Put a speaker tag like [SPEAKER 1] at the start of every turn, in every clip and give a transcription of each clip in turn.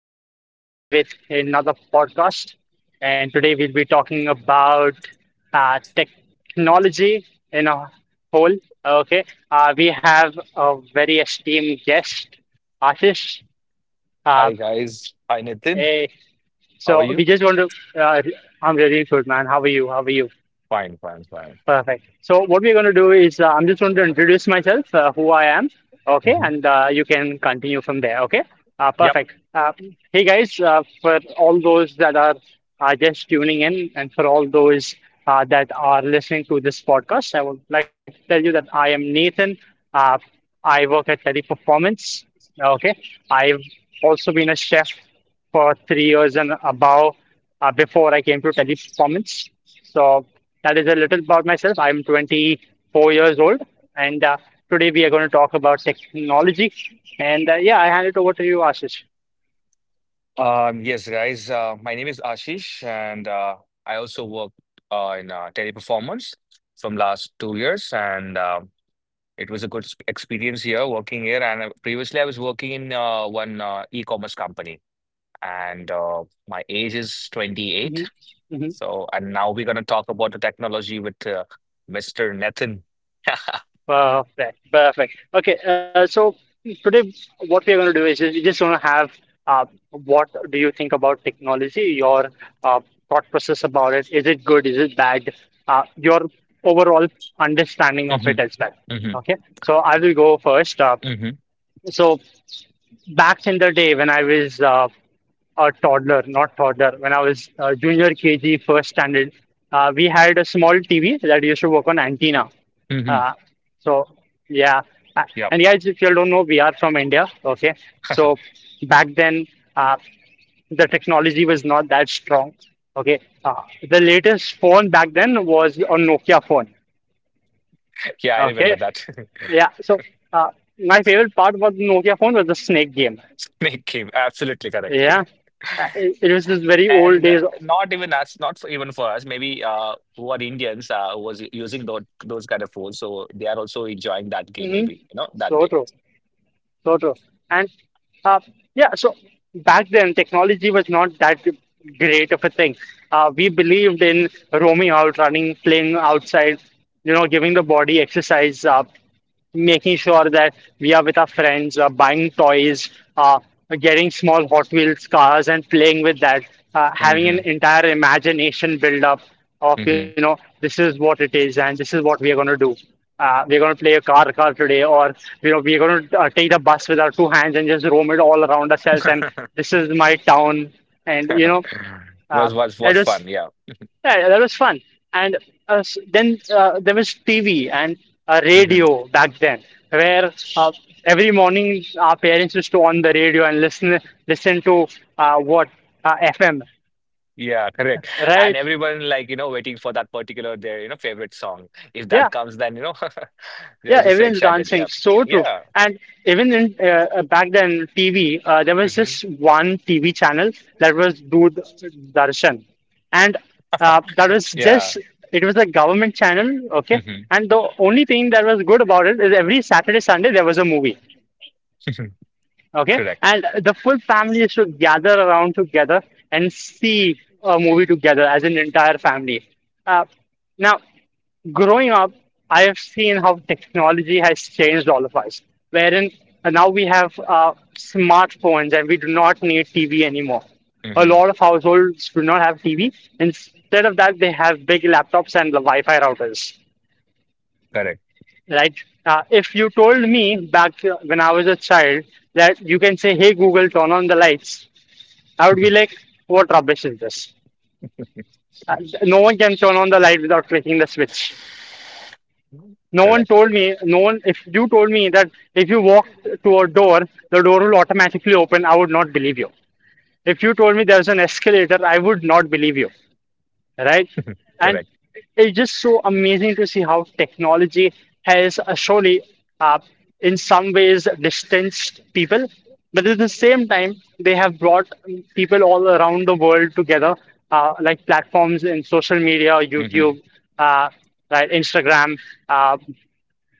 [SPEAKER 1] once again with another podcast. And today we'll be talking about technology in a whole. Okay. We have a very esteemed guest, Ashish. Uh,
[SPEAKER 2] Hi guys. Hi Nitin.
[SPEAKER 1] eh,
[SPEAKER 2] How are
[SPEAKER 1] so
[SPEAKER 2] you?
[SPEAKER 1] we just want to, uh, I'm really good, man. How are you? How are you?
[SPEAKER 2] Fine, fine, fine.
[SPEAKER 1] Perfect. So what we're going to do is I'm just going to introduce myself, who I am, okay,
[SPEAKER 2] Mhm.
[SPEAKER 1] and you can continue from there, okay?
[SPEAKER 2] Yep.
[SPEAKER 1] Perfect. Hey guys, for all those that are just tuning in, and for all those that are listening to this podcast, I would like to tell you that I am Nathan. Uh, I work at Teddy Performance. Okay, I've also been a chef for 3 years and above before I came to Teleperformance. So that is a little about myself. I'm 24 years old, and today we are going to talk about technology. And yeah, I hand it over to you, Ashish.
[SPEAKER 2] Yes, guys. My name is Ashish, and I also work in teleperformance from last 2 years, and it was a good experience here working here. And previously, I was working in one e-commerce company, and my age is 28.
[SPEAKER 1] hmm
[SPEAKER 2] So, and now we're gonna talk about the technology with Mr. Nathan.
[SPEAKER 1] Perfect, perfect. Okay, so today what we are going to do is just, we just want to have uh, what do you think about technology? Your uh, thought process about it. Is it good? Is it bad? Your overall understanding of it
[SPEAKER 2] hmm
[SPEAKER 1] as well.
[SPEAKER 2] hmm
[SPEAKER 1] Okay, so I will go first.
[SPEAKER 2] hmm
[SPEAKER 1] So back in the day when I was a toddler, not toddler, when I was junior KG, first standard, we had a small TV that used to work on antenna.
[SPEAKER 2] hmm
[SPEAKER 1] Uh, so yeah, Uh, and guys, if you all don't know, we are from India. Okay, so back then, uh, the technology was not that strong. Okay, uh, the latest phone back then was a Nokia phone.
[SPEAKER 2] Yeah, I remember
[SPEAKER 1] Okay,
[SPEAKER 2] that.
[SPEAKER 1] yeah. So uh, my favorite part about the Nokia phone was the snake game.
[SPEAKER 2] Snake game, absolutely correct.
[SPEAKER 1] Yeah, it was this very old
[SPEAKER 2] And
[SPEAKER 1] days.
[SPEAKER 2] not even us, not for, even for us, maybe who are Indians who was using those kind of phones. So they are also enjoying that game,
[SPEAKER 1] Mhm.
[SPEAKER 2] maybe, you know, that
[SPEAKER 1] So
[SPEAKER 2] day.
[SPEAKER 1] true. So true. And uh, yeah, so back then technology was not that great of a thing. We believed in roaming out, running, playing outside, you know, giving the body exercise. Making sure that we are with our friends, buying toys, uh, getting small Hot Wheels cars and playing with that, having an
[SPEAKER 2] Hmm
[SPEAKER 1] entire imagination build up of, you
[SPEAKER 2] hmm
[SPEAKER 1] know, this is what it is and this is what we are going to do. We're going to play a car car today, or you know, we're going to take the bus with our two hands and just roam it all around ourselves. And this is my town, and you know, uh,
[SPEAKER 2] Was was
[SPEAKER 1] I
[SPEAKER 2] was
[SPEAKER 1] just
[SPEAKER 2] fun, yeah.
[SPEAKER 1] yeah, yeah, that was fun. And then there was TV and
[SPEAKER 2] hmm
[SPEAKER 1] radio back then, where every morning our parents used to on the radio and listen to what FM,
[SPEAKER 2] Yeah, correct. And
[SPEAKER 1] right?
[SPEAKER 2] everyone like, you know, waiting for that particular their, you know, favorite song. If
[SPEAKER 1] Yeah.
[SPEAKER 2] that comes, then, you know, they're
[SPEAKER 1] Yeah,
[SPEAKER 2] just so
[SPEAKER 1] everyone's
[SPEAKER 2] excited.
[SPEAKER 1] dancing.
[SPEAKER 2] Yeah.
[SPEAKER 1] So true.
[SPEAKER 2] Yeah.
[SPEAKER 1] And even in back then, TV, there was
[SPEAKER 2] hmm
[SPEAKER 1] just one TV channel that was Dood Darshan, and that was
[SPEAKER 2] Yeah.
[SPEAKER 1] just it was a government channel. Okay,
[SPEAKER 2] hmm
[SPEAKER 1] and the only thing that was good about it is every Saturday, Sunday there was a movie. Okay,
[SPEAKER 2] Correct.
[SPEAKER 1] and the full family used to gather around together and see a movie together as an entire family. Uh, now growing up, I have seen how technology has changed all of us, wherein now we have smartphones and we do not need TV anymore. A
[SPEAKER 2] Hmm
[SPEAKER 1] lot of households do not have TV. Instead of that, they have big laptops and the Wi-Fi routers,
[SPEAKER 2] Correct.
[SPEAKER 1] right? If you told me back when I was a child that you can say, "Hey Google, turn on the lights," I would be
[SPEAKER 2] Mhm.
[SPEAKER 1] like, "What rubbish is this?" Uh, no one can turn on the light without clicking the switch. No one
[SPEAKER 2] Correct.
[SPEAKER 1] told me, no one, if you told me that if you walk to a door, the door will automatically open, I would not believe you. If you told me there's an escalator, I would not believe you, right? And
[SPEAKER 2] Correct.
[SPEAKER 1] it's just so amazing to see how technology has surely, uh, in some ways, distanced people, but at the same time, they have brought people all around the world together, like platforms in social media,
[SPEAKER 2] Hmm
[SPEAKER 1] YouTube, uh, right, Instagram. Uh,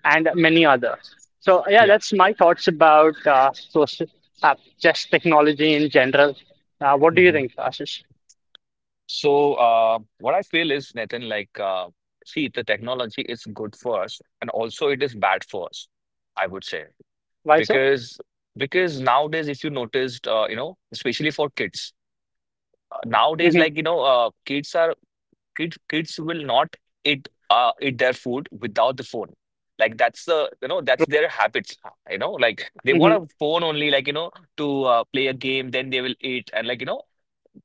[SPEAKER 1] and many other. So yeah,
[SPEAKER 2] Yeah.
[SPEAKER 1] that's my thoughts about just technology in general.
[SPEAKER 2] hmm
[SPEAKER 1] What do you think, Ashish?
[SPEAKER 2] So, what I feel is, Nathan, see, the technology is good for us, and also it is bad for us, I would say,
[SPEAKER 1] Why so?
[SPEAKER 2] because because nowadays, if you noticed, you know, especially for kids, nowadays,
[SPEAKER 1] hmm
[SPEAKER 2] like, you know, kids are kids kids will not eat eat their food without the phone, like that's the you know, that's their habits, you know, like they
[SPEAKER 1] hmm
[SPEAKER 2] want a phone only, like you know, to play a game, then they will eat, and like you know,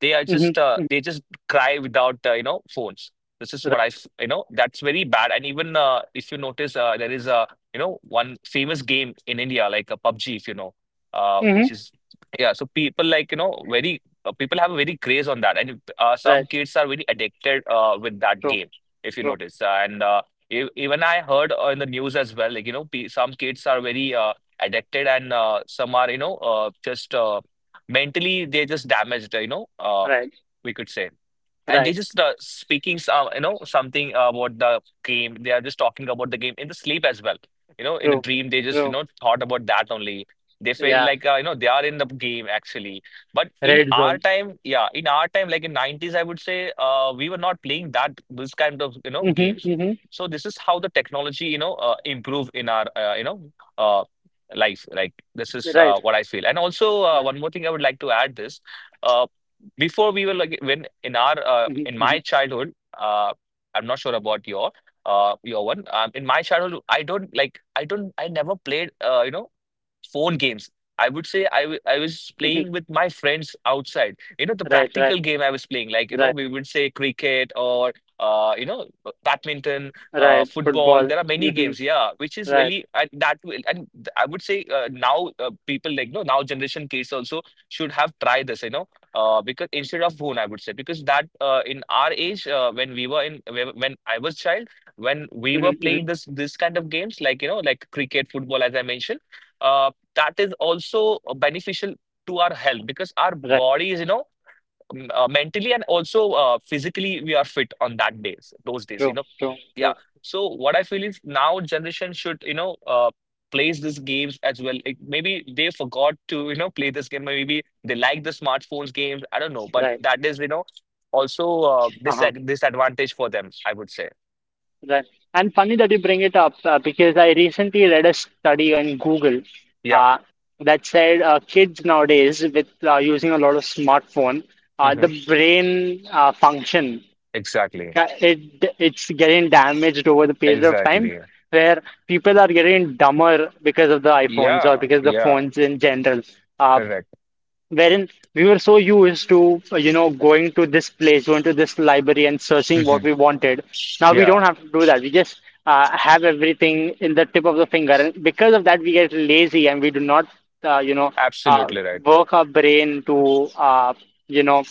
[SPEAKER 2] they are
[SPEAKER 1] hmm
[SPEAKER 2] just they just cry without you know, phones. This is
[SPEAKER 1] Right.
[SPEAKER 2] what you know, that's very bad. And even if you notice, there is a, you know, one famous game in India like a PUBG, if you know,
[SPEAKER 1] hmm
[SPEAKER 2] which is, yeah. So people like, you know, very people have a very craze on that, and some
[SPEAKER 1] Right.
[SPEAKER 2] kids are very addicted with that
[SPEAKER 1] True.
[SPEAKER 2] game, if you
[SPEAKER 1] True.
[SPEAKER 2] notice. And even I heard in the news as well, like you know, pe some kids are very addicted, and some are, you know, just mentally they're just damaged, you know,
[SPEAKER 1] Right.
[SPEAKER 2] we could say, and they
[SPEAKER 1] Right.
[SPEAKER 2] just speaking some, you know, something about the game, they are just talking about the game in the sleep as well, you know, in the
[SPEAKER 1] True.
[SPEAKER 2] dream they just, you
[SPEAKER 1] True.
[SPEAKER 2] know, thought about that only. They feel
[SPEAKER 1] Yeah.
[SPEAKER 2] like you know, they are in the game actually. But in
[SPEAKER 1] Red
[SPEAKER 2] our
[SPEAKER 1] zone.
[SPEAKER 2] time, yeah, in our time like in 90's, I would say we were not playing that, this kind of, you know,
[SPEAKER 1] hmm
[SPEAKER 2] games.
[SPEAKER 1] hmm
[SPEAKER 2] So this is how the technology, you know, improve in our you know, life, like this is
[SPEAKER 1] Right.
[SPEAKER 2] what I feel. And also
[SPEAKER 1] Right.
[SPEAKER 2] one more thing I would like to add this. uh, Before we were like when in our
[SPEAKER 1] hmm
[SPEAKER 2] in
[SPEAKER 1] hmm
[SPEAKER 2] my childhood, uh I'm not sure about your one. In my childhood, I don't, I never played you know phone games. I would say I was
[SPEAKER 1] hmm
[SPEAKER 2] playing with my friends outside. You know, the
[SPEAKER 1] Right. Right.
[SPEAKER 2] practical game I was playing, like, you know,
[SPEAKER 1] Right.
[SPEAKER 2] we would say cricket or, you know, badminton,
[SPEAKER 1] Right.
[SPEAKER 2] football.
[SPEAKER 1] Football.
[SPEAKER 2] There are many games, yeah, which is
[SPEAKER 1] Right.
[SPEAKER 2] really, and that will, and I would say now people like, no, now generation kids also should have tried this, you know, because instead of phone, I would say, because that in our age, when we were in, when I was child, when we
[SPEAKER 1] hmm
[SPEAKER 2] were
[SPEAKER 1] hmm
[SPEAKER 2] playing this, this kind of games, like, you know, like cricket, football, as I mentioned. uh, that is also beneficial to our health, because our
[SPEAKER 1] Right.
[SPEAKER 2] body is, you know, mentally and also physically we are fit on that days, those days,
[SPEAKER 1] True.
[SPEAKER 2] you know.
[SPEAKER 1] True. True.
[SPEAKER 2] Yeah. So what I feel is, now generation should, you know, plays these games as well, like maybe they forgot to, you know, play this game, maybe they like the smartphones games, I don't know, but
[SPEAKER 1] Right.
[SPEAKER 2] that is, you know, also this
[SPEAKER 1] Uh-huh.
[SPEAKER 2] disadvantage for them, I would say.
[SPEAKER 1] Right. And funny that you bring it up because I recently read a study on Google
[SPEAKER 2] Yeah.
[SPEAKER 1] uh, that said kids nowadays, with using a lot of smartphone,
[SPEAKER 2] hmm
[SPEAKER 1] the brain function
[SPEAKER 2] Exactly.
[SPEAKER 1] it's getting damaged over the period of
[SPEAKER 2] Exactly.
[SPEAKER 1] time, where people are getting dumber because of the iPhones or
[SPEAKER 2] Yeah.
[SPEAKER 1] because of the
[SPEAKER 2] Yeah.
[SPEAKER 1] phones in general. Uh,
[SPEAKER 2] Correct.
[SPEAKER 1] wherein we were so used to, you know, going to this place, going to this library and searching what
[SPEAKER 2] Hmm
[SPEAKER 1] we wanted. Now we don't
[SPEAKER 2] Yeah.
[SPEAKER 1] have to do that. We just have everything in the tip of the finger. And because of that, we get lazy and we do not, you know, uh,
[SPEAKER 2] Absolutely right.
[SPEAKER 1] work our brain to, you know,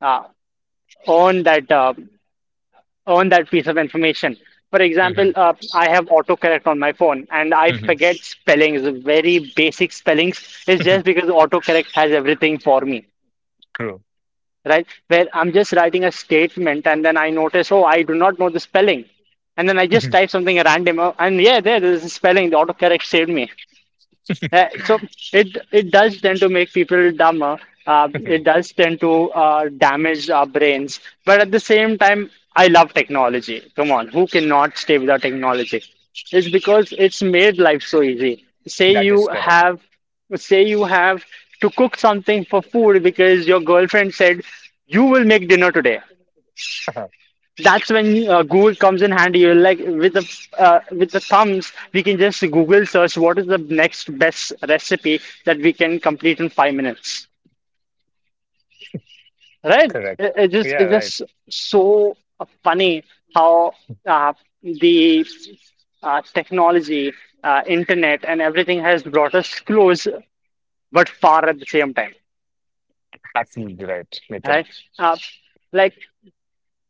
[SPEAKER 1] uh, earn that, uh, earn that piece of information. For example,
[SPEAKER 2] Mhm,
[SPEAKER 1] I have autocorrect on my phone and I
[SPEAKER 2] mhm.
[SPEAKER 1] forget spellings, very basic spellings. It's just because autocorrect has everything for me,
[SPEAKER 2] True.
[SPEAKER 1] right? Where I'm just writing a statement and then I notice, oh, I do not know the spelling. And then I just
[SPEAKER 2] Mhm,
[SPEAKER 1] type something random and yeah, there's a spelling. The autocorrect saved me. So it does tend to make people dumber. It
[SPEAKER 2] mhm.
[SPEAKER 1] does tend to damage our brains. But at the same time, I love technology. Come on, who cannot stay without technology? It's because it's made life so easy.
[SPEAKER 2] That is correct.
[SPEAKER 1] Say you have to cook something for food because your girlfriend said you will make dinner today. That's when Google comes in handy. You're like with the thumbs, we can just Google search what is the next best recipe that we can complete in 5 minutes. Right?
[SPEAKER 2] Correct.
[SPEAKER 1] It, it
[SPEAKER 2] Yeah,
[SPEAKER 1] just it's
[SPEAKER 2] right.
[SPEAKER 1] just so funny how uh, the technology, internet, and everything has brought us close but far at the same time.
[SPEAKER 2] Absolutely right,
[SPEAKER 1] Right?
[SPEAKER 2] Nathan.
[SPEAKER 1] Uh, like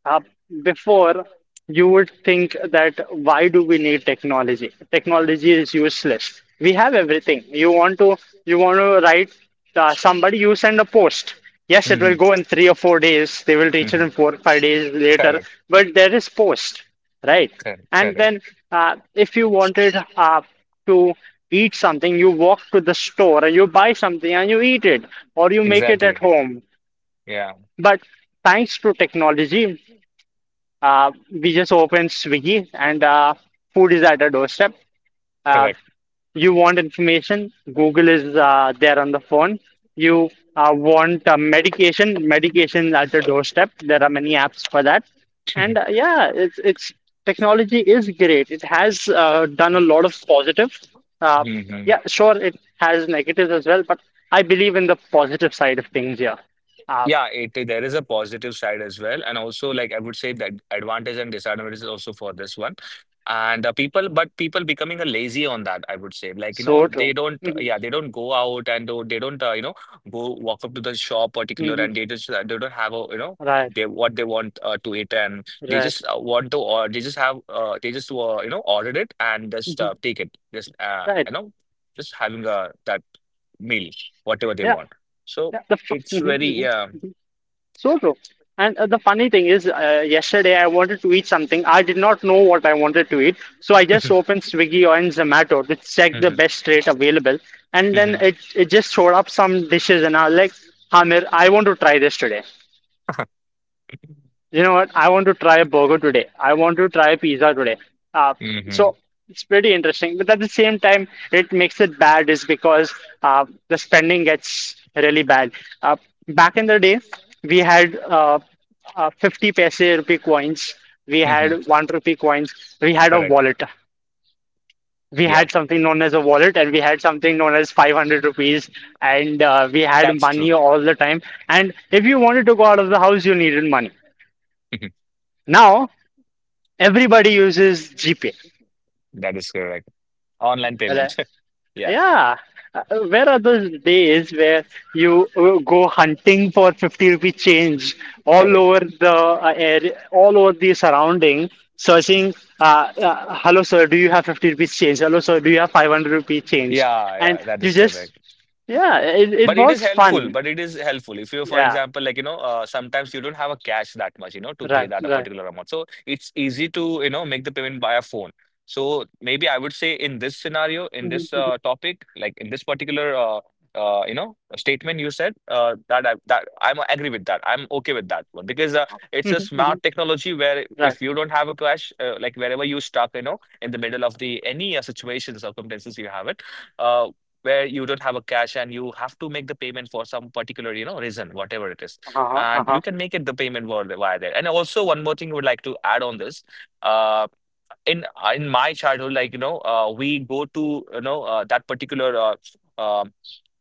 [SPEAKER 1] Uh, before, you would think that why do we need technology? Technology is useless. We have everything. You want to write somebody, you send a post. Yes, it will
[SPEAKER 2] Mhm,
[SPEAKER 1] go in 3 or 4 days. They will reach it
[SPEAKER 2] mhm.
[SPEAKER 1] in 4 or 5 days later.
[SPEAKER 2] Correct.
[SPEAKER 1] But there is post, right?
[SPEAKER 2] Correct.
[SPEAKER 1] And
[SPEAKER 2] Correct.
[SPEAKER 1] then if you wanted to eat something, you walk to the store and you buy something and you eat it, or you make it at
[SPEAKER 2] Exactly.
[SPEAKER 1] home.
[SPEAKER 2] Yeah.
[SPEAKER 1] But thanks to technology we just open Swiggy and food is at our doorstep. Uh,
[SPEAKER 2] Correct.
[SPEAKER 1] you want information, Google is there on the phone. You want medication, medication at your doorstep. There are many apps for that. And yeah, it's technology is great. It has done a lot of positive. Uh,
[SPEAKER 2] Mhm.
[SPEAKER 1] yeah, sure, it has negatives as well, but I believe in the positive side of things. Yeah, uh,
[SPEAKER 2] Yeah, it there is a positive side as well, and also like I would say that advantage and disadvantage is also for this one, and people, but people becoming a lazy on that, I would say, like you know,
[SPEAKER 1] so
[SPEAKER 2] they
[SPEAKER 1] true.
[SPEAKER 2] don't,
[SPEAKER 1] hmm
[SPEAKER 2] yeah, they don't go out and they don't, you know, go walk up to the shop particular,
[SPEAKER 1] hmm
[SPEAKER 2] and they just they don't have a, you know,
[SPEAKER 1] Right,
[SPEAKER 2] they what they want to eat, and they
[SPEAKER 1] right.
[SPEAKER 2] just want to, or they just have they just you know, ordered it and just
[SPEAKER 1] Mhm.
[SPEAKER 2] take it, just
[SPEAKER 1] Right.
[SPEAKER 2] you know, just having that meal, whatever they
[SPEAKER 1] Yeah,
[SPEAKER 2] want, so.
[SPEAKER 1] yeah. The
[SPEAKER 2] It's very, yeah.
[SPEAKER 1] mhm. So true. And the funny thing is, yesterday I wanted to eat something. I did not know what I wanted to eat, so I just
[SPEAKER 2] Mhm,
[SPEAKER 1] opened Swiggy or in Zomato to check the
[SPEAKER 2] mhm,
[SPEAKER 1] best rate available, and then
[SPEAKER 2] mhm.
[SPEAKER 1] it just showed up some dishes, and I was like, Hamir, I want to try this today. You know what? I want to try a burger today. I want to try pizza today. Uh,
[SPEAKER 2] Mhm,
[SPEAKER 1] so it's pretty interesting. But at the same time, it makes it bad is because the spending gets really bad. Uh, back in the day, we had 50 paise rupee coins. We
[SPEAKER 2] mhm.
[SPEAKER 1] had 1 rupee coins. We had a
[SPEAKER 2] Correct.
[SPEAKER 1] wallet. We
[SPEAKER 2] Yeah,
[SPEAKER 1] had something known as a wallet and we had something known as 500 rupees. And we had
[SPEAKER 2] that's
[SPEAKER 1] money
[SPEAKER 2] true.
[SPEAKER 1] all the time. And if you wanted to go out of the house, you needed money.
[SPEAKER 2] Mhm.
[SPEAKER 1] Now, everybody uses GPay.
[SPEAKER 2] That is correct. Online
[SPEAKER 1] Right?
[SPEAKER 2] payments. Yeah,
[SPEAKER 1] Yeah. Uh, where are those days where you go hunting for 50 rupee change all
[SPEAKER 2] correct.
[SPEAKER 1] over the area, all over the surrounding, searching, hello sir, do you have 50 rupees change? Hello sir, do you have 500 rupee change?
[SPEAKER 2] Yeah,
[SPEAKER 1] And
[SPEAKER 2] yeah, that
[SPEAKER 1] you
[SPEAKER 2] is
[SPEAKER 1] just,
[SPEAKER 2] correct.
[SPEAKER 1] yeah, it
[SPEAKER 2] But it
[SPEAKER 1] was
[SPEAKER 2] is helpful.
[SPEAKER 1] fun.
[SPEAKER 2] But it is helpful. If you, for
[SPEAKER 1] Yeah,
[SPEAKER 2] example, like, you know, sometimes you don't have a cash that much, you know, to pay
[SPEAKER 1] right,
[SPEAKER 2] that a
[SPEAKER 1] right.
[SPEAKER 2] particular amount. So it's easy to, you know, make the payment via phone. So maybe I would say in this scenario, in
[SPEAKER 1] Mhm,
[SPEAKER 2] this topic, like in this particular, you know, statement you said, that I'm agree with that. I'm okay with that one because it's a
[SPEAKER 1] mhm, mhm,
[SPEAKER 2] smart technology where
[SPEAKER 1] Right.
[SPEAKER 2] if you don't have a cash, like wherever you stuck, you know, in the middle of the any situation circumstances you have it. uh, where you don't have a cash and you have to make the payment for some particular, you know, reason, whatever it is,
[SPEAKER 1] Uh-huh,
[SPEAKER 2] and
[SPEAKER 1] uh-huh.
[SPEAKER 2] you can make it the payment via there. And also one more thing I would like to add on this. Um, in in my childhood, like you know, we go to, you know, that particular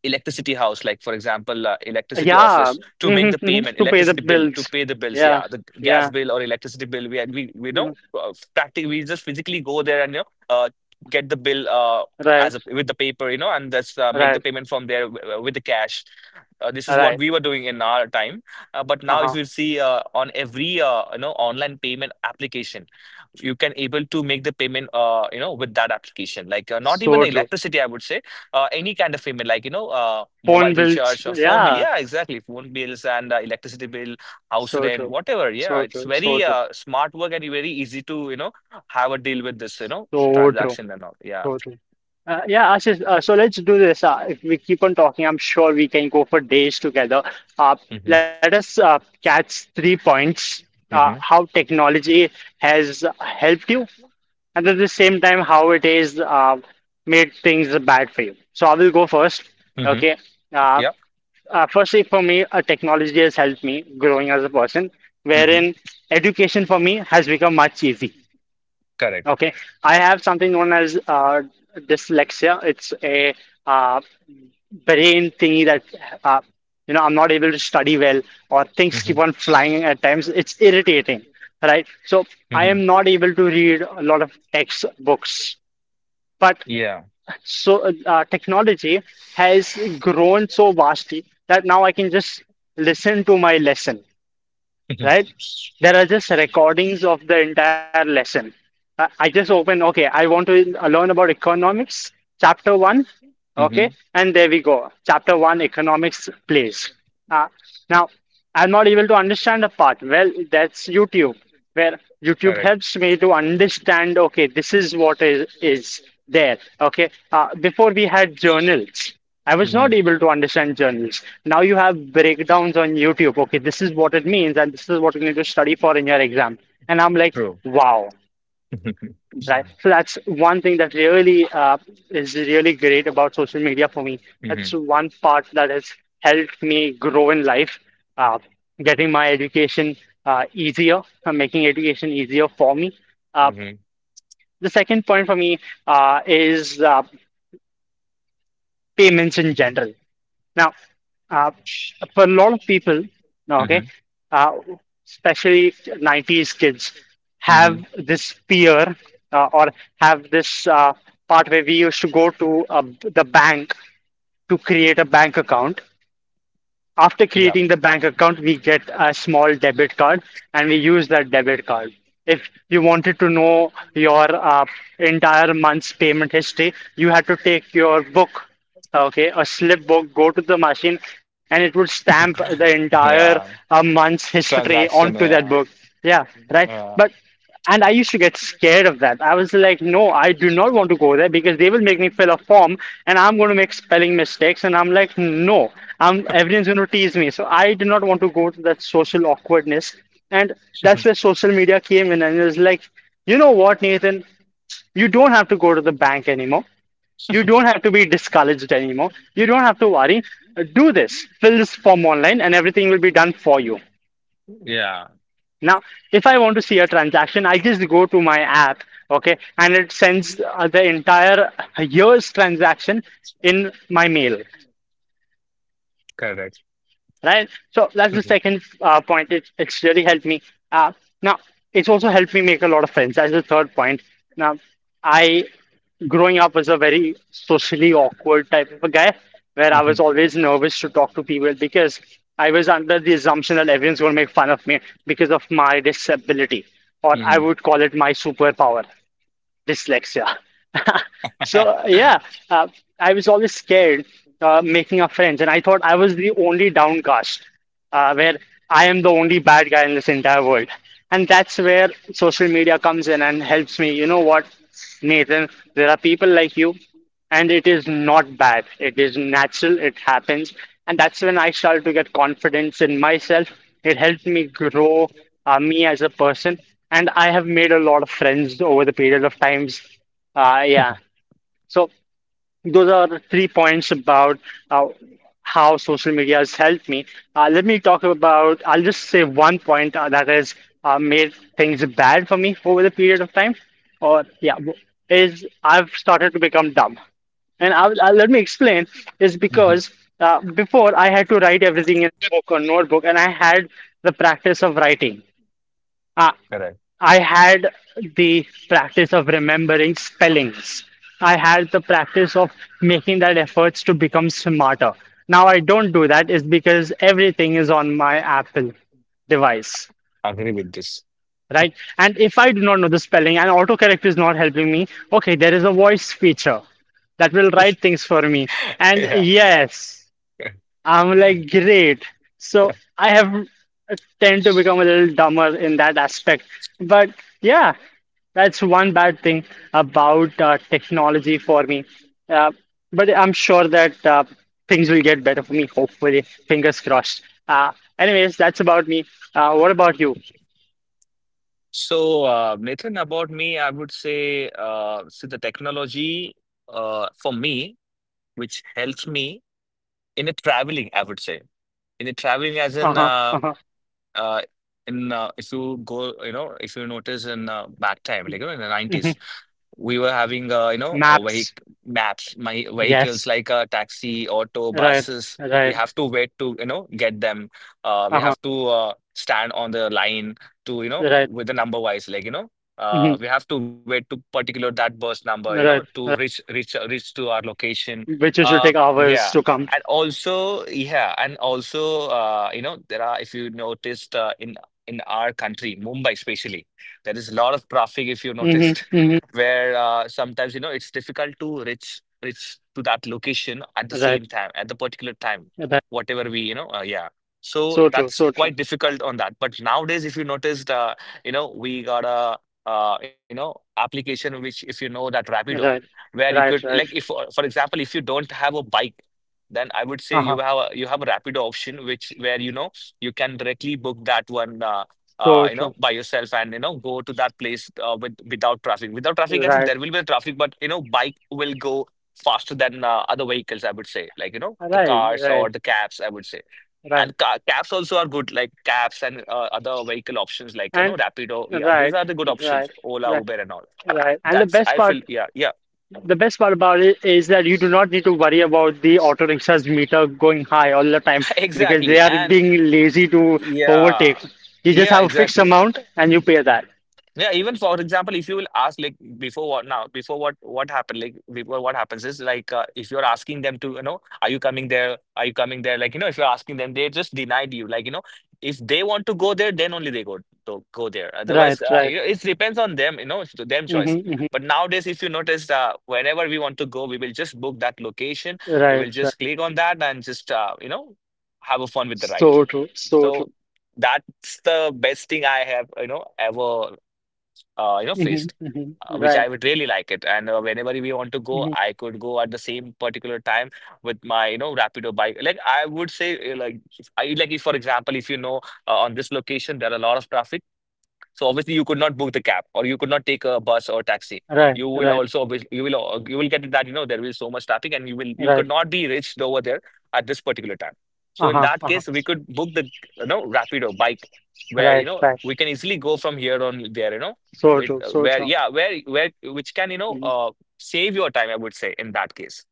[SPEAKER 2] electricity house, like for example, electricity
[SPEAKER 1] Yeah.
[SPEAKER 2] office to make the
[SPEAKER 1] Mhm,
[SPEAKER 2] payment,
[SPEAKER 1] To pay the
[SPEAKER 2] electricity bill to
[SPEAKER 1] bills.
[SPEAKER 2] pay the bills.
[SPEAKER 1] Yeah,
[SPEAKER 2] Yeah, the gas
[SPEAKER 1] yeah.
[SPEAKER 2] bill or electricity bill. We know,
[SPEAKER 1] mm-hmm.
[SPEAKER 2] practically we just physically go there and you know. Uh, get the bill
[SPEAKER 1] Right,
[SPEAKER 2] as a, with the paper, you know, and that's make the
[SPEAKER 1] right,
[SPEAKER 2] payment from there with the cash, this is what
[SPEAKER 1] right.
[SPEAKER 2] we were doing in our time. But now if
[SPEAKER 1] Uh-huh.
[SPEAKER 2] you see on every you know, online payment application, you can able to make the payment, you know, with that application, like not even
[SPEAKER 1] So true.
[SPEAKER 2] electricity I would say. Any kind of payment, like you know, mobile
[SPEAKER 1] Phone bills.
[SPEAKER 2] recharge or phone bill,
[SPEAKER 1] Yeah.
[SPEAKER 2] yeah exactly, phone bills, and electricity bill, house
[SPEAKER 1] So
[SPEAKER 2] rent,
[SPEAKER 1] true.
[SPEAKER 2] whatever. Yeah,
[SPEAKER 1] So
[SPEAKER 2] it's
[SPEAKER 1] true. So
[SPEAKER 2] very
[SPEAKER 1] true.
[SPEAKER 2] smart work and very easy to, you know, have a deal with this, you know,
[SPEAKER 1] So true.
[SPEAKER 2] transaction and all. Yeah.
[SPEAKER 1] So true. Yeah, Ashish, so let's do this. If we keep on talking, I'm sure we can go for days together. Uh,
[SPEAKER 2] Mm-hmm.
[SPEAKER 1] Let us catch three points,
[SPEAKER 2] Mm-hmm.
[SPEAKER 1] how technology has helped you, and at the same time, how it is made things bad for you. So I will go first.
[SPEAKER 2] hmm
[SPEAKER 1] Okay. Uh.
[SPEAKER 2] Yeah.
[SPEAKER 1] Firstly, for me, technology has helped me growing as a person,
[SPEAKER 2] Mm-hmm.
[SPEAKER 1] wherein education for me has become much easy.
[SPEAKER 2] Correct.
[SPEAKER 1] Okay, I have something known as dyslexia. It's a uh, brain thingy that uh, I'm not able to study well, or things
[SPEAKER 2] Mm-hmm.
[SPEAKER 1] keep on flying at times. It's irritating, right? So I
[SPEAKER 2] Mm-hmm.
[SPEAKER 1] am not able to read a lot of textbooks, but
[SPEAKER 2] Yeah.
[SPEAKER 1] so technology has grown so vastly that now I can just listen to my lesson,
[SPEAKER 2] Mm-hmm.
[SPEAKER 1] right? There are just recordings of the entire lesson. I just open, okay, I want to learn about economics, chapter one, okay,
[SPEAKER 2] hmm
[SPEAKER 1] and there we go. Chapter one, economics plays. Uh, Now, I'm not able to understand a part. Well, that's YouTube, where YouTube
[SPEAKER 2] Correct.
[SPEAKER 1] helps me to understand, okay, this is what is there, okay. Before we had journals. I was not
[SPEAKER 2] Mm-hmm.
[SPEAKER 1] able to understand journals. Now you have breakdowns on YouTube. Okay, this is what it means, and this is what you need to study for in your exam. And I'm like,
[SPEAKER 2] True.
[SPEAKER 1] wow,
[SPEAKER 2] Mm-hmm.
[SPEAKER 1] right? So that's one thing that really is really great about social media for me. That's one part that has helped me grow in life, uh, getting my education easier, making education easier for me. Uh,
[SPEAKER 2] Mm-hmm.
[SPEAKER 1] the second point for me is payments in general. Now, uh, for a lot of people, okay,
[SPEAKER 2] Mm-hmm.
[SPEAKER 1] uh, especially 90s kids,
[SPEAKER 2] Mm-hmm.
[SPEAKER 1] have this fear or have this part where we used to go to the bank to create a bank account. After creating the bank account, we get a small debit card and we use that debit card. If you wanted to know your entire month's payment history, you had to take your book, okay, a slip book, go to the machine, and it would stamp the entire
[SPEAKER 2] Yeah,
[SPEAKER 1] month's history
[SPEAKER 2] transaction.
[SPEAKER 1] onto that
[SPEAKER 2] Yeah,
[SPEAKER 1] book. Yeah, right.
[SPEAKER 2] yeah,
[SPEAKER 1] But and I used to get scared of that. I was like, no, I do not want to go there because they will make me fill a form and I'm going to make spelling mistakes. And I'm like, no, I'm everyone's going to tease me. So I did not want to go to that social awkwardness. And that's where social media came in and it was like, you know what, Nathan? You don't have to go to the bank anymore. You don't have to be discouraged anymore. You don't have to worry. Do this. Fill this form online and everything will be done for you.
[SPEAKER 2] yeah.
[SPEAKER 1] Now, if I want to see a transaction, I just go to my app, okay, and it sends the entire year's transaction in my mail,
[SPEAKER 2] Correct.
[SPEAKER 1] right? So that's the
[SPEAKER 2] Mhm.
[SPEAKER 1] second point. It's really helped me. Uh, Now it's also helped me make a lot of friends. That's the third point. Now, I growing up was a very socially awkward type of a guy where I was
[SPEAKER 2] Mhm.
[SPEAKER 1] always nervous to talk to people because I was under the assumption that everyone's going to make fun of me because of my disability, or I
[SPEAKER 2] Mhm.
[SPEAKER 1] would call it my superpower dyslexia. So yeah, uh, I was always scared making a friends, and I thought I was the only downcast, where I am the only bad guy in this entire world. And that's where social media comes in and helps me. You know what, Nathan? There are people like you and it is not bad. It is natural, it happens. And that's when I started to get confidence in myself. It helped me grow me as a person. And I have made a lot of friends over the period of times. Yeah. So those are the three points about uh, how social media has helped me. Let me talk about, I'll just say one point that has made things bad for me over the period of time, or yeah, is I've started to become dumb. And let me explain is
[SPEAKER 2] Mhm.
[SPEAKER 1] because before I had to write everything in a book or notebook, and I had the practice of writing. Uh,
[SPEAKER 2] Correct.
[SPEAKER 1] I had the practice of remembering spellings. I had the practice of making that efforts to become smarter. Now I don't do that is because everything is on my Apple device,
[SPEAKER 2] Agree with this.
[SPEAKER 1] right? And if I do not know the spelling and autocorrect is not helping me, okay, there is a voice feature that will write things for me. And
[SPEAKER 2] Yeah.
[SPEAKER 1] yes, I'm like, great. So I have tend to become a little dumber in that aspect. But yeah, that's one bad thing about technology for me. Uh, but I'm sure that things will get better for me, hopefully. Fingers crossed. Anyways, that's about me. What about you?
[SPEAKER 2] So, Nathan, about me, I would say, see the technology, for me, which helps me in a traveling, I would say. In the traveling as in
[SPEAKER 1] Uh-huh, uh-huh.
[SPEAKER 2] uh if you go, if you notice in back time, like in the 90s
[SPEAKER 1] hmm
[SPEAKER 2] we were having you know, a
[SPEAKER 1] Maps.
[SPEAKER 2] vehic maps, my vehicles
[SPEAKER 1] Yes.
[SPEAKER 2] like a taxi, auto,
[SPEAKER 1] Right,
[SPEAKER 2] buses. We
[SPEAKER 1] right.
[SPEAKER 2] have to wait to, you know, get them. We
[SPEAKER 1] Uh-huh,
[SPEAKER 2] have to stand on the line to, you know,
[SPEAKER 1] right.
[SPEAKER 2] with the number wise, like you know,
[SPEAKER 1] hmm
[SPEAKER 2] we have to wait to particular that bus number, you know,
[SPEAKER 1] Right,
[SPEAKER 2] to
[SPEAKER 1] right.
[SPEAKER 2] reach to our location.
[SPEAKER 1] Which should
[SPEAKER 2] uh,
[SPEAKER 1] take hours
[SPEAKER 2] yeah
[SPEAKER 1] to come.
[SPEAKER 2] and also yeah and also uh, you know, there are, if you noticed in our country, Mumbai especially, there is a lot of traffic if you
[SPEAKER 1] Hmm
[SPEAKER 2] noticed,
[SPEAKER 1] hmm
[SPEAKER 2] where sometimes, you know, it's difficult to reach to that location at the
[SPEAKER 1] Right,
[SPEAKER 2] same time, at the particular time,
[SPEAKER 1] right.
[SPEAKER 2] whatever we, you know, yeah. So
[SPEAKER 1] So true,
[SPEAKER 2] that's
[SPEAKER 1] so true.
[SPEAKER 2] quite difficult on that. But nowadays, if you noticed, you know, we got a you know, application, which if you know, that Rapido,
[SPEAKER 1] Right,
[SPEAKER 2] where you could
[SPEAKER 1] right,
[SPEAKER 2] like,
[SPEAKER 1] right.
[SPEAKER 2] if for example, if you don't have a bike, then I would say
[SPEAKER 1] Uh-huh.
[SPEAKER 2] you have a Rapido option, which, where you know, you can directly book that one,
[SPEAKER 1] So
[SPEAKER 2] you
[SPEAKER 1] true.
[SPEAKER 2] know, by yourself, and you know, go to that place with without traffic. Without traffic, as in
[SPEAKER 1] Right,
[SPEAKER 2] there will be traffic, but you know, bike will go faster than other vehicles, I would say, like you know, the
[SPEAKER 1] right,
[SPEAKER 2] cars or
[SPEAKER 1] right,
[SPEAKER 2] the cabs, I would say.
[SPEAKER 1] right.
[SPEAKER 2] And ca cabs also are good, like cabs and other vehicle options, like you
[SPEAKER 1] And
[SPEAKER 2] know, Rapido. Yeah, these
[SPEAKER 1] right,
[SPEAKER 2] are the good options,
[SPEAKER 1] right,
[SPEAKER 2] Ola,
[SPEAKER 1] right,
[SPEAKER 2] Uber, and all.
[SPEAKER 1] right. And the
[SPEAKER 2] That's,
[SPEAKER 1] best
[SPEAKER 2] I
[SPEAKER 1] part,
[SPEAKER 2] feel. Yeah, yeah,
[SPEAKER 1] the best part about it is that you do not need to worry about the auto rickshaws meter going high all the time because they
[SPEAKER 2] exactly,
[SPEAKER 1] are
[SPEAKER 2] and.
[SPEAKER 1] being
[SPEAKER 2] y-
[SPEAKER 1] lazy to
[SPEAKER 2] Yeah.
[SPEAKER 1] overtake. You just
[SPEAKER 2] Yeah,
[SPEAKER 1] have a fixed
[SPEAKER 2] exactly.
[SPEAKER 1] amount and you pay that.
[SPEAKER 2] Yeah, even for example, if you will ask like, before what now, before what happened, like before what happens is like, if you're asking them to, you know, are you coming there? Are you coming there? Like you know, if you're asking them, they just denied you. Like you know, if they want to go there, then only they go there. Otherwise,
[SPEAKER 1] Right,
[SPEAKER 2] you
[SPEAKER 1] right.
[SPEAKER 2] know, it depends on them. You know, it's to them
[SPEAKER 1] hmm
[SPEAKER 2] choice.
[SPEAKER 1] hmm
[SPEAKER 2] But nowadays, if you notice, whenever we want to go, we will just book that location. We
[SPEAKER 1] Right,
[SPEAKER 2] will
[SPEAKER 1] right.
[SPEAKER 2] just click on that and just, you know, have a fun with the ride.
[SPEAKER 1] So true, so true.
[SPEAKER 2] So that's the best thing I have, you know, ever you know,
[SPEAKER 1] Hmm
[SPEAKER 2] faced, which I would really like it. And whenever we want to go,
[SPEAKER 1] Hmm
[SPEAKER 2] I could go at the same particular time with my, you know, Rapido bike, like I would say, like I like, if for example, if you know, on this location there are a lot of traffic, so obviously you could not book the cab, or you could not take a bus or taxi.
[SPEAKER 1] Right,
[SPEAKER 2] You will
[SPEAKER 1] right,
[SPEAKER 2] also obviously, you will get that, you know, there will be so much traffic and you will, you could
[SPEAKER 1] right.
[SPEAKER 2] not be reached over there at this particular time. So in
[SPEAKER 1] Uh-huh,
[SPEAKER 2] that
[SPEAKER 1] uh-huh.
[SPEAKER 2] case, we could book the, you know, Rapido bike, where you
[SPEAKER 1] Right,
[SPEAKER 2] know,
[SPEAKER 1] right.
[SPEAKER 2] we can easily go from here on there, you know,
[SPEAKER 1] So
[SPEAKER 2] with
[SPEAKER 1] true, so
[SPEAKER 2] where
[SPEAKER 1] true.
[SPEAKER 2] yeah, where which can, you know,
[SPEAKER 1] Hmm
[SPEAKER 2] save your time, I would say, in that case.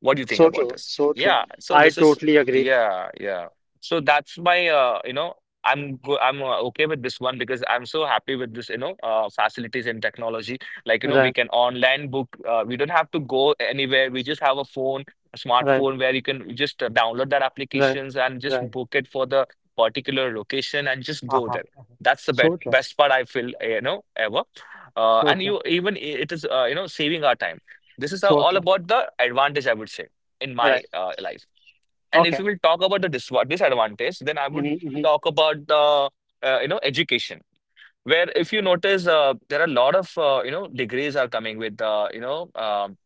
[SPEAKER 2] What do you think
[SPEAKER 1] So
[SPEAKER 2] about
[SPEAKER 1] true,
[SPEAKER 2] this?
[SPEAKER 1] so
[SPEAKER 2] Yeah,
[SPEAKER 1] true.
[SPEAKER 2] so
[SPEAKER 1] I
[SPEAKER 2] this is,
[SPEAKER 1] totally agree.
[SPEAKER 2] yeah, yeah. So that's my, you know, I'm okay with this one, because I'm so happy with this, you know, facilities and technology. Like, you know, we
[SPEAKER 1] Right.
[SPEAKER 2] can online book. We don't have to go anywhere. We just have a phone, a
[SPEAKER 1] Right.
[SPEAKER 2] smartphone, where you can just download that
[SPEAKER 1] Right,
[SPEAKER 2] applications and just
[SPEAKER 1] right.
[SPEAKER 2] book it for the particular location and just go
[SPEAKER 1] Uh-huh,
[SPEAKER 2] there.
[SPEAKER 1] uh-huh.
[SPEAKER 2] That's the best
[SPEAKER 1] So true,
[SPEAKER 2] best part I feel, eh, you know, ever.
[SPEAKER 1] so
[SPEAKER 2] And
[SPEAKER 1] true,
[SPEAKER 2] you even it is, you know, saving our time. This is
[SPEAKER 1] so
[SPEAKER 2] all
[SPEAKER 1] true.
[SPEAKER 2] about the advantage, I would say, in
[SPEAKER 1] Right.
[SPEAKER 2] my life. And if
[SPEAKER 1] Okay.
[SPEAKER 2] you will talk about the disadvantage, then I would
[SPEAKER 1] Mm-hmm, mm-hmm.
[SPEAKER 2] talk about the, you know, education, where if you notice, there are a lot of, you know, degrees are coming with, you know,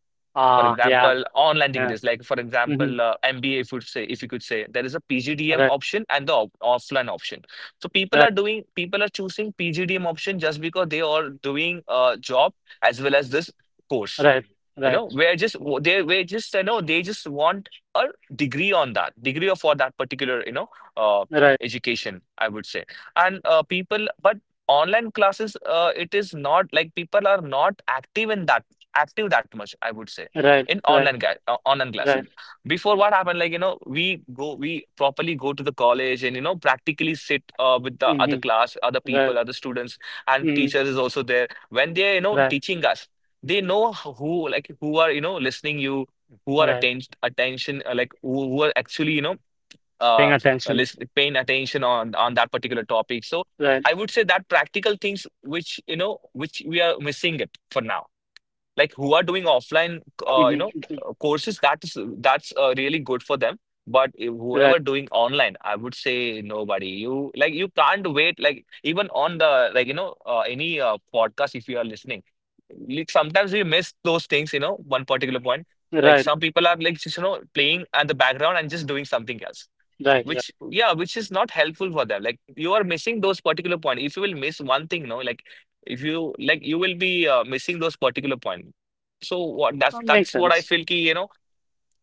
[SPEAKER 2] for
[SPEAKER 1] Ah, yeah,
[SPEAKER 2] example, online
[SPEAKER 1] yeah.
[SPEAKER 2] degrees, like for
[SPEAKER 1] Mm-hmm.
[SPEAKER 2] example, MBA. If you would say, if you could say, there is a PGDM
[SPEAKER 1] Right,
[SPEAKER 2] option and the op offline option. So people
[SPEAKER 1] right,
[SPEAKER 2] are doing, people are choosing PGDM option just because they are doing a job as well as this course,
[SPEAKER 1] right,
[SPEAKER 2] you
[SPEAKER 1] right,
[SPEAKER 2] know. We're just, you know, they just want a degree, on that degree of for that particular, you know, uh,
[SPEAKER 1] right,
[SPEAKER 2] education, I would say. And people, but online classes, it is not like people are not active in that, active that much, I would say,
[SPEAKER 1] right,
[SPEAKER 2] in
[SPEAKER 1] right,
[SPEAKER 2] online
[SPEAKER 1] right.
[SPEAKER 2] classes. Before what happened, like you know, we properly go to the college and, you know, practically sit with the
[SPEAKER 1] Mm-hmm.
[SPEAKER 2] other
[SPEAKER 1] Right.
[SPEAKER 2] people, other students. And
[SPEAKER 1] Mm-hmm.
[SPEAKER 2] teacher is also there when they are, you know,
[SPEAKER 1] Right,
[SPEAKER 2] teaching us. They know who, like who are, you know, listening you, who are
[SPEAKER 1] right.
[SPEAKER 2] attention attention like who are actually, you know,
[SPEAKER 1] Paying
[SPEAKER 2] uh
[SPEAKER 1] attention.
[SPEAKER 2] listen, paying attention on that particular topic. So
[SPEAKER 1] Right.
[SPEAKER 2] I would say that practical things, which you know, which we are missing it for now, like who are doing offline, you know,
[SPEAKER 1] Mm-hmm.
[SPEAKER 2] courses, that's really good for them. But if
[SPEAKER 1] Right,
[SPEAKER 2] whoever doing online, I would say, nobody you like you can't wait, like even on the, like you know, any podcast, if you are listening, like sometimes we miss those things, you know, one particular point, like
[SPEAKER 1] right,
[SPEAKER 2] some people are like just, you know, playing at the background and just doing something else,
[SPEAKER 1] right, yeah.
[SPEAKER 2] which yeah, which is not helpful for them, like you are missing those particular point. If you will miss one thing, no, like if you like, you will be, missing those particular point. So what,
[SPEAKER 1] That makes
[SPEAKER 2] that's what I
[SPEAKER 1] sense.
[SPEAKER 2] feel, ki, you know,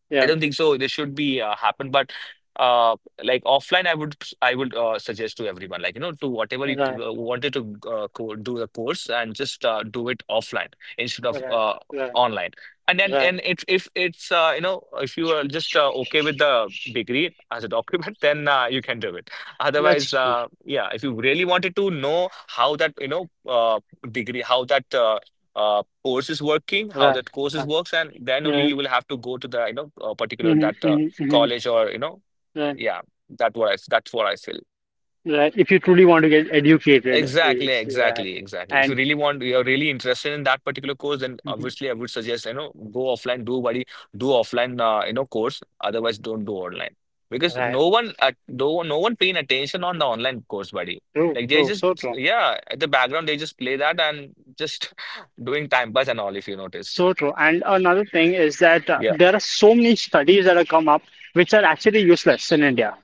[SPEAKER 1] Yeah.
[SPEAKER 2] I don't think so this should be happen. But uh, like offline, I would, I would suggest to everyone, like you know, to whatever you
[SPEAKER 1] Right,
[SPEAKER 2] wanted to co do the course, and just do it offline instead of
[SPEAKER 1] right, right,
[SPEAKER 2] online. And then,
[SPEAKER 1] right.
[SPEAKER 2] and if it's, you know, if you are just okay with the degree as a document, then you can do it.
[SPEAKER 1] That's
[SPEAKER 2] Otherwise,
[SPEAKER 1] true.
[SPEAKER 2] yeah, if you really wanted to know how that, you know, degree, how that. Uh, course is working, how
[SPEAKER 1] Right.
[SPEAKER 2] that courses
[SPEAKER 1] Right.
[SPEAKER 2] works, and then only
[SPEAKER 1] Yeah,
[SPEAKER 2] you will have to go to the, you know, particular
[SPEAKER 1] mm-hmm,
[SPEAKER 2] that,
[SPEAKER 1] mm-hmm, mm-hmm.
[SPEAKER 2] college, or you know,
[SPEAKER 1] Right.
[SPEAKER 2] yeah, that's what I feel.
[SPEAKER 1] Right. If you truly want to get educated,
[SPEAKER 2] Exactly,
[SPEAKER 1] is right.
[SPEAKER 2] exactly, exactly. If you
[SPEAKER 1] And
[SPEAKER 2] really want, you're really interested in that particular course, then
[SPEAKER 1] mhm.
[SPEAKER 2] obviously I would suggest, you know, go offline, do buddy, do offline, you know, course. Otherwise, don't do online, because
[SPEAKER 1] Right.
[SPEAKER 2] no one at no one- no one paying attention on the online course, buddy.
[SPEAKER 1] True,
[SPEAKER 2] Like they
[SPEAKER 1] true,
[SPEAKER 2] just,
[SPEAKER 1] so true.
[SPEAKER 2] yeah, at the background they just play that and just doing time pass and all, if you noticed.
[SPEAKER 1] So true. And another thing is that
[SPEAKER 2] Yeah,
[SPEAKER 1] there are so many studies that have come up which are actually useless in India.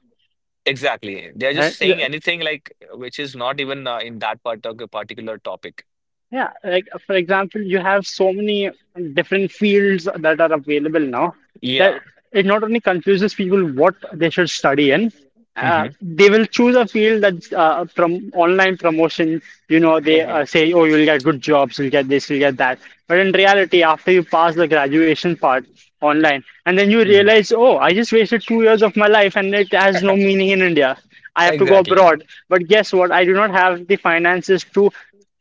[SPEAKER 2] exactly. They're just
[SPEAKER 1] Right?
[SPEAKER 2] saying anything, like which is not even in that part of the particular topic.
[SPEAKER 1] Yeah. Like, for example, you have so many different fields that are available now that
[SPEAKER 2] Yeah.
[SPEAKER 1] it not only confuses people what they should study in,
[SPEAKER 2] hmm
[SPEAKER 1] they will choose a field that's from online promotion. You know, they
[SPEAKER 2] hmm
[SPEAKER 1] say, oh, you'll get good jobs, you'll get this, you'll get that. But in reality, after you pass the graduation part online, and then you
[SPEAKER 2] hmm
[SPEAKER 1] realize, oh, I just wasted 2 years of my life and it has no meaning in India. I have to go
[SPEAKER 2] Exactly.
[SPEAKER 1] abroad. But guess what? I do not have the finances to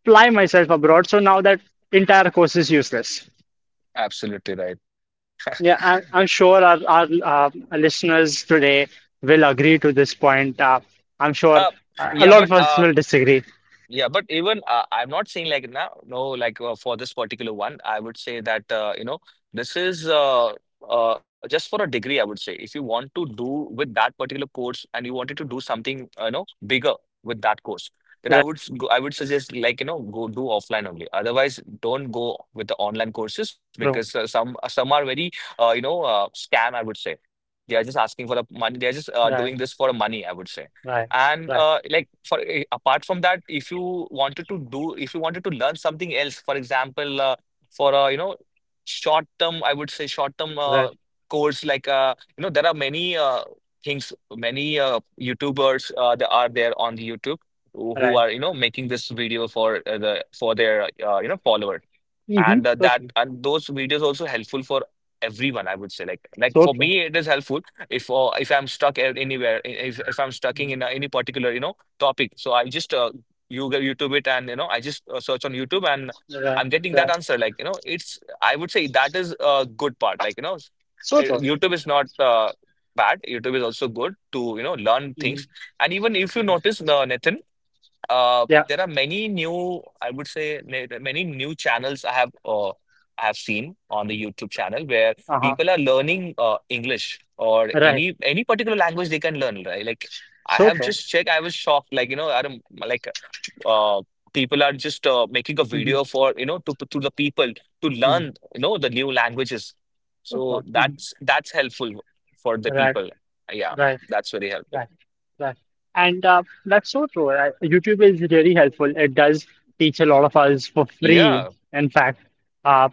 [SPEAKER 1] fly myself abroad. So now that entire course is useless.
[SPEAKER 2] Absolutely right.
[SPEAKER 1] Yeah, I'm sure our listeners today will agree to this point. I'm sure
[SPEAKER 2] Uh,
[SPEAKER 1] a
[SPEAKER 2] yeah,
[SPEAKER 1] lot
[SPEAKER 2] but
[SPEAKER 1] of us will disagree.
[SPEAKER 2] yeah, but even, I'm not saying like now, no, like for this particular one, I would say that, you know, this is just for a degree. I would say if you want to do with that particular course and you wanted to do something, you know, bigger with that course, then I
[SPEAKER 1] Right,
[SPEAKER 2] would I would suggest, like you know, go do offline only. Otherwise, don't go with the online courses, because
[SPEAKER 1] true.
[SPEAKER 2] some are very, you know, scam, I would say. They are just asking for the money. They're just, doing
[SPEAKER 1] Right,
[SPEAKER 2] this for money, I would say.
[SPEAKER 1] right,
[SPEAKER 2] And
[SPEAKER 1] right,
[SPEAKER 2] like for eh, apart from that, if you wanted to do, if you wanted to learn something else, for example, for a, you know, short term, I would say, short term
[SPEAKER 1] right,
[SPEAKER 2] course, like you know, there are many things, many YouTubers that are there on the YouTube, who
[SPEAKER 1] right.
[SPEAKER 2] are, you know, making this video for the for their, you know, followers.
[SPEAKER 1] Mm-hmm.
[SPEAKER 2] And
[SPEAKER 1] So
[SPEAKER 2] that,
[SPEAKER 1] true.
[SPEAKER 2] and those videos also helpful for everyone, I would say, like
[SPEAKER 1] So
[SPEAKER 2] for
[SPEAKER 1] true.
[SPEAKER 2] me it is helpful, if I'm stuck anywhere, if I'm stuck
[SPEAKER 1] Mm-hmm.
[SPEAKER 2] in, any particular, you know, topic, so I just, you go YouTube it, and you know, I just, search on YouTube and
[SPEAKER 1] Right,
[SPEAKER 2] I'm getting that
[SPEAKER 1] right.
[SPEAKER 2] answer, like you know, it's, I would say, that is a good part, like you know,
[SPEAKER 1] So true.
[SPEAKER 2] YouTube is not, bad. YouTube is also good to, you know,
[SPEAKER 1] Mm-hmm.
[SPEAKER 2] learn things. And even
[SPEAKER 1] hmm
[SPEAKER 2] if you notice, Nathan,
[SPEAKER 1] Yeah.
[SPEAKER 2] there are many new, I would say, many new channels I have, I have seen on the YouTube channel, where
[SPEAKER 1] Uh-huh.
[SPEAKER 2] people are learning, English, or
[SPEAKER 1] Right.
[SPEAKER 2] any particular language they can learn, right? Like I
[SPEAKER 1] So
[SPEAKER 2] have
[SPEAKER 1] true.
[SPEAKER 2] just checked, I was shocked, like you know, I don't, like uh, people are just, making a
[SPEAKER 1] Mm-hmm.
[SPEAKER 2] video for, you know, to the people to learn,
[SPEAKER 1] hmm
[SPEAKER 2] you know, the new languages.
[SPEAKER 1] So
[SPEAKER 2] So
[SPEAKER 1] true. Hmm
[SPEAKER 2] that's helpful for the
[SPEAKER 1] Right,
[SPEAKER 2] people. Yeah,
[SPEAKER 1] right.
[SPEAKER 2] that's very helpful.
[SPEAKER 1] Right, right. And that's so true. YouTube is really helpful. It does teach a lot of us for free,
[SPEAKER 2] Yeah.
[SPEAKER 1] in fact. Uh,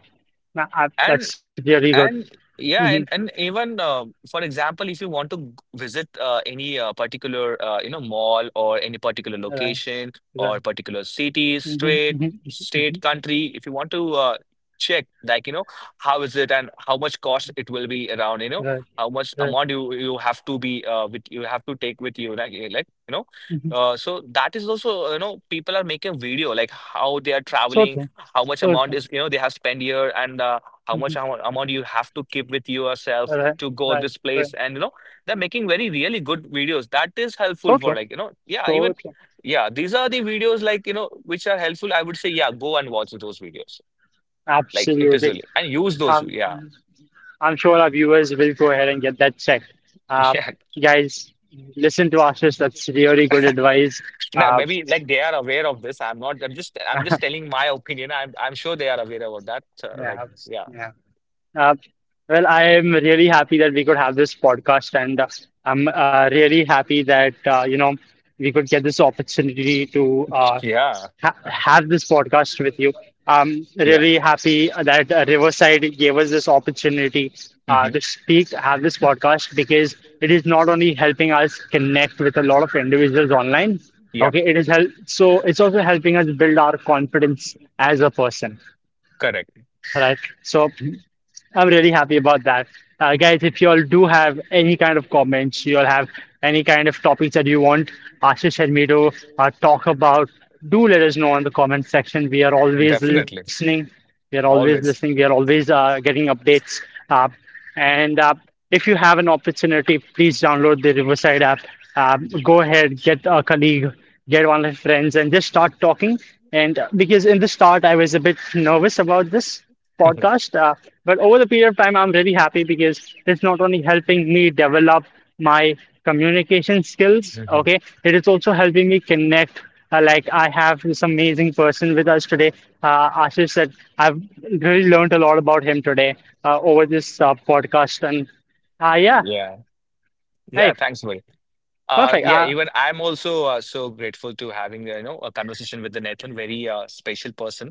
[SPEAKER 2] and.
[SPEAKER 1] that's really good.
[SPEAKER 2] And
[SPEAKER 1] Hmm
[SPEAKER 2] yeah, and even, for example, if you want to visit, any particular you know, mall, or any particular
[SPEAKER 1] Right,
[SPEAKER 2] location, or
[SPEAKER 1] right.
[SPEAKER 2] particular city,
[SPEAKER 1] hmm
[SPEAKER 2] state,
[SPEAKER 1] hmm
[SPEAKER 2] state,
[SPEAKER 1] hmm
[SPEAKER 2] country, if you want to, check, like you know, how is it, and how much cost it will be around, you know,
[SPEAKER 1] Right,
[SPEAKER 2] how much
[SPEAKER 1] right.
[SPEAKER 2] amount you have to be, with, you have to take with you, like eh, like you know,
[SPEAKER 1] hmm
[SPEAKER 2] so that is also, you know, people are making video, like how they are
[SPEAKER 1] So
[SPEAKER 2] traveling,
[SPEAKER 1] true.
[SPEAKER 2] how much
[SPEAKER 1] So
[SPEAKER 2] amount
[SPEAKER 1] true.
[SPEAKER 2] is, you know, they have spent here, and. How
[SPEAKER 1] Hmm
[SPEAKER 2] amount you have to keep with yourself
[SPEAKER 1] Right,
[SPEAKER 2] to go
[SPEAKER 1] right,
[SPEAKER 2] this
[SPEAKER 1] right.
[SPEAKER 2] place, and you know, they're making very really good videos, that is helpful
[SPEAKER 1] So
[SPEAKER 2] for,
[SPEAKER 1] true.
[SPEAKER 2] like you know, yeah,
[SPEAKER 1] So
[SPEAKER 2] even,
[SPEAKER 1] true.
[SPEAKER 2] yeah, these are the videos, like you know, which are helpful, I would say, yeah, go and watch those videos, like it is
[SPEAKER 1] Absolutely.
[SPEAKER 2] really, and use those,
[SPEAKER 1] Um,
[SPEAKER 2] yeah.
[SPEAKER 1] I'm sure our viewers will go ahead and get that checked. Uh,
[SPEAKER 2] Yeah,
[SPEAKER 1] Guys, listen to Ashish. That's really good advice.
[SPEAKER 2] now
[SPEAKER 1] Uh,
[SPEAKER 2] maybe like they are aware of this. I'm not I'm just I'm just telling my opinion. I'm sure they are aware about that, like
[SPEAKER 1] yeah,
[SPEAKER 2] yeah.
[SPEAKER 1] yeah. Uh, well, I am really happy that we could have this podcast, and I'm really happy that we could get this opportunity to
[SPEAKER 2] Yeah,
[SPEAKER 1] ha have this podcast with you. I'm
[SPEAKER 2] yeah.
[SPEAKER 1] really happy that Riverside gave us this opportunity
[SPEAKER 2] hmm
[SPEAKER 1] to speak, have this podcast, because it is not only helping us connect with a lot of individuals online.
[SPEAKER 2] Yep.
[SPEAKER 1] Okay, it is help. So it's also helping us build our confidence as a person,
[SPEAKER 2] Correct.
[SPEAKER 1] right? So I'm really happy about that. Guys, if you all do have any kind of comments, you all have any kind of topics that you want Ashish and me to talk about, do let us know in the comment section. We are always
[SPEAKER 2] Definitely.
[SPEAKER 1] listening. We are always
[SPEAKER 2] Always.
[SPEAKER 1] listening. We are always getting updates. Uh, and If you have an opportunity, please download the Riverside app. Go ahead, get a colleague, get one of your friends, and just start talking. And because in the start, I was a bit nervous about this podcast, but over the period of time, I'm really happy because it's not only helping me develop my communication skills,
[SPEAKER 2] Mhm.
[SPEAKER 1] okay, it is also helping me connect like I have this amazing person with us today, Ashish. That I've really learned a lot about him today over this podcast. And yeah,
[SPEAKER 2] Yeah, yeah,
[SPEAKER 1] hey,
[SPEAKER 2] thanks buddy.
[SPEAKER 1] perfect.
[SPEAKER 2] Yeah, even I'm also, so grateful to having, you know, a conversation with the Nathan, very special person.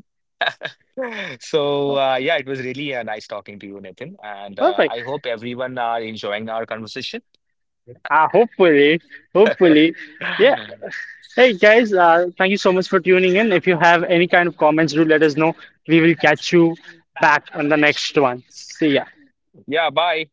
[SPEAKER 2] So yeah, it was really, nice talking to you, Nathan, and
[SPEAKER 1] Perfect.
[SPEAKER 2] I hope everyone are enjoying our conversation.
[SPEAKER 1] Hopefully, hopefully, yeah. Hey guys, thank you so much for tuning in. If you have any kind of comments, do let us know. We will catch you back on the next one. See ya.
[SPEAKER 2] Yeah, bye.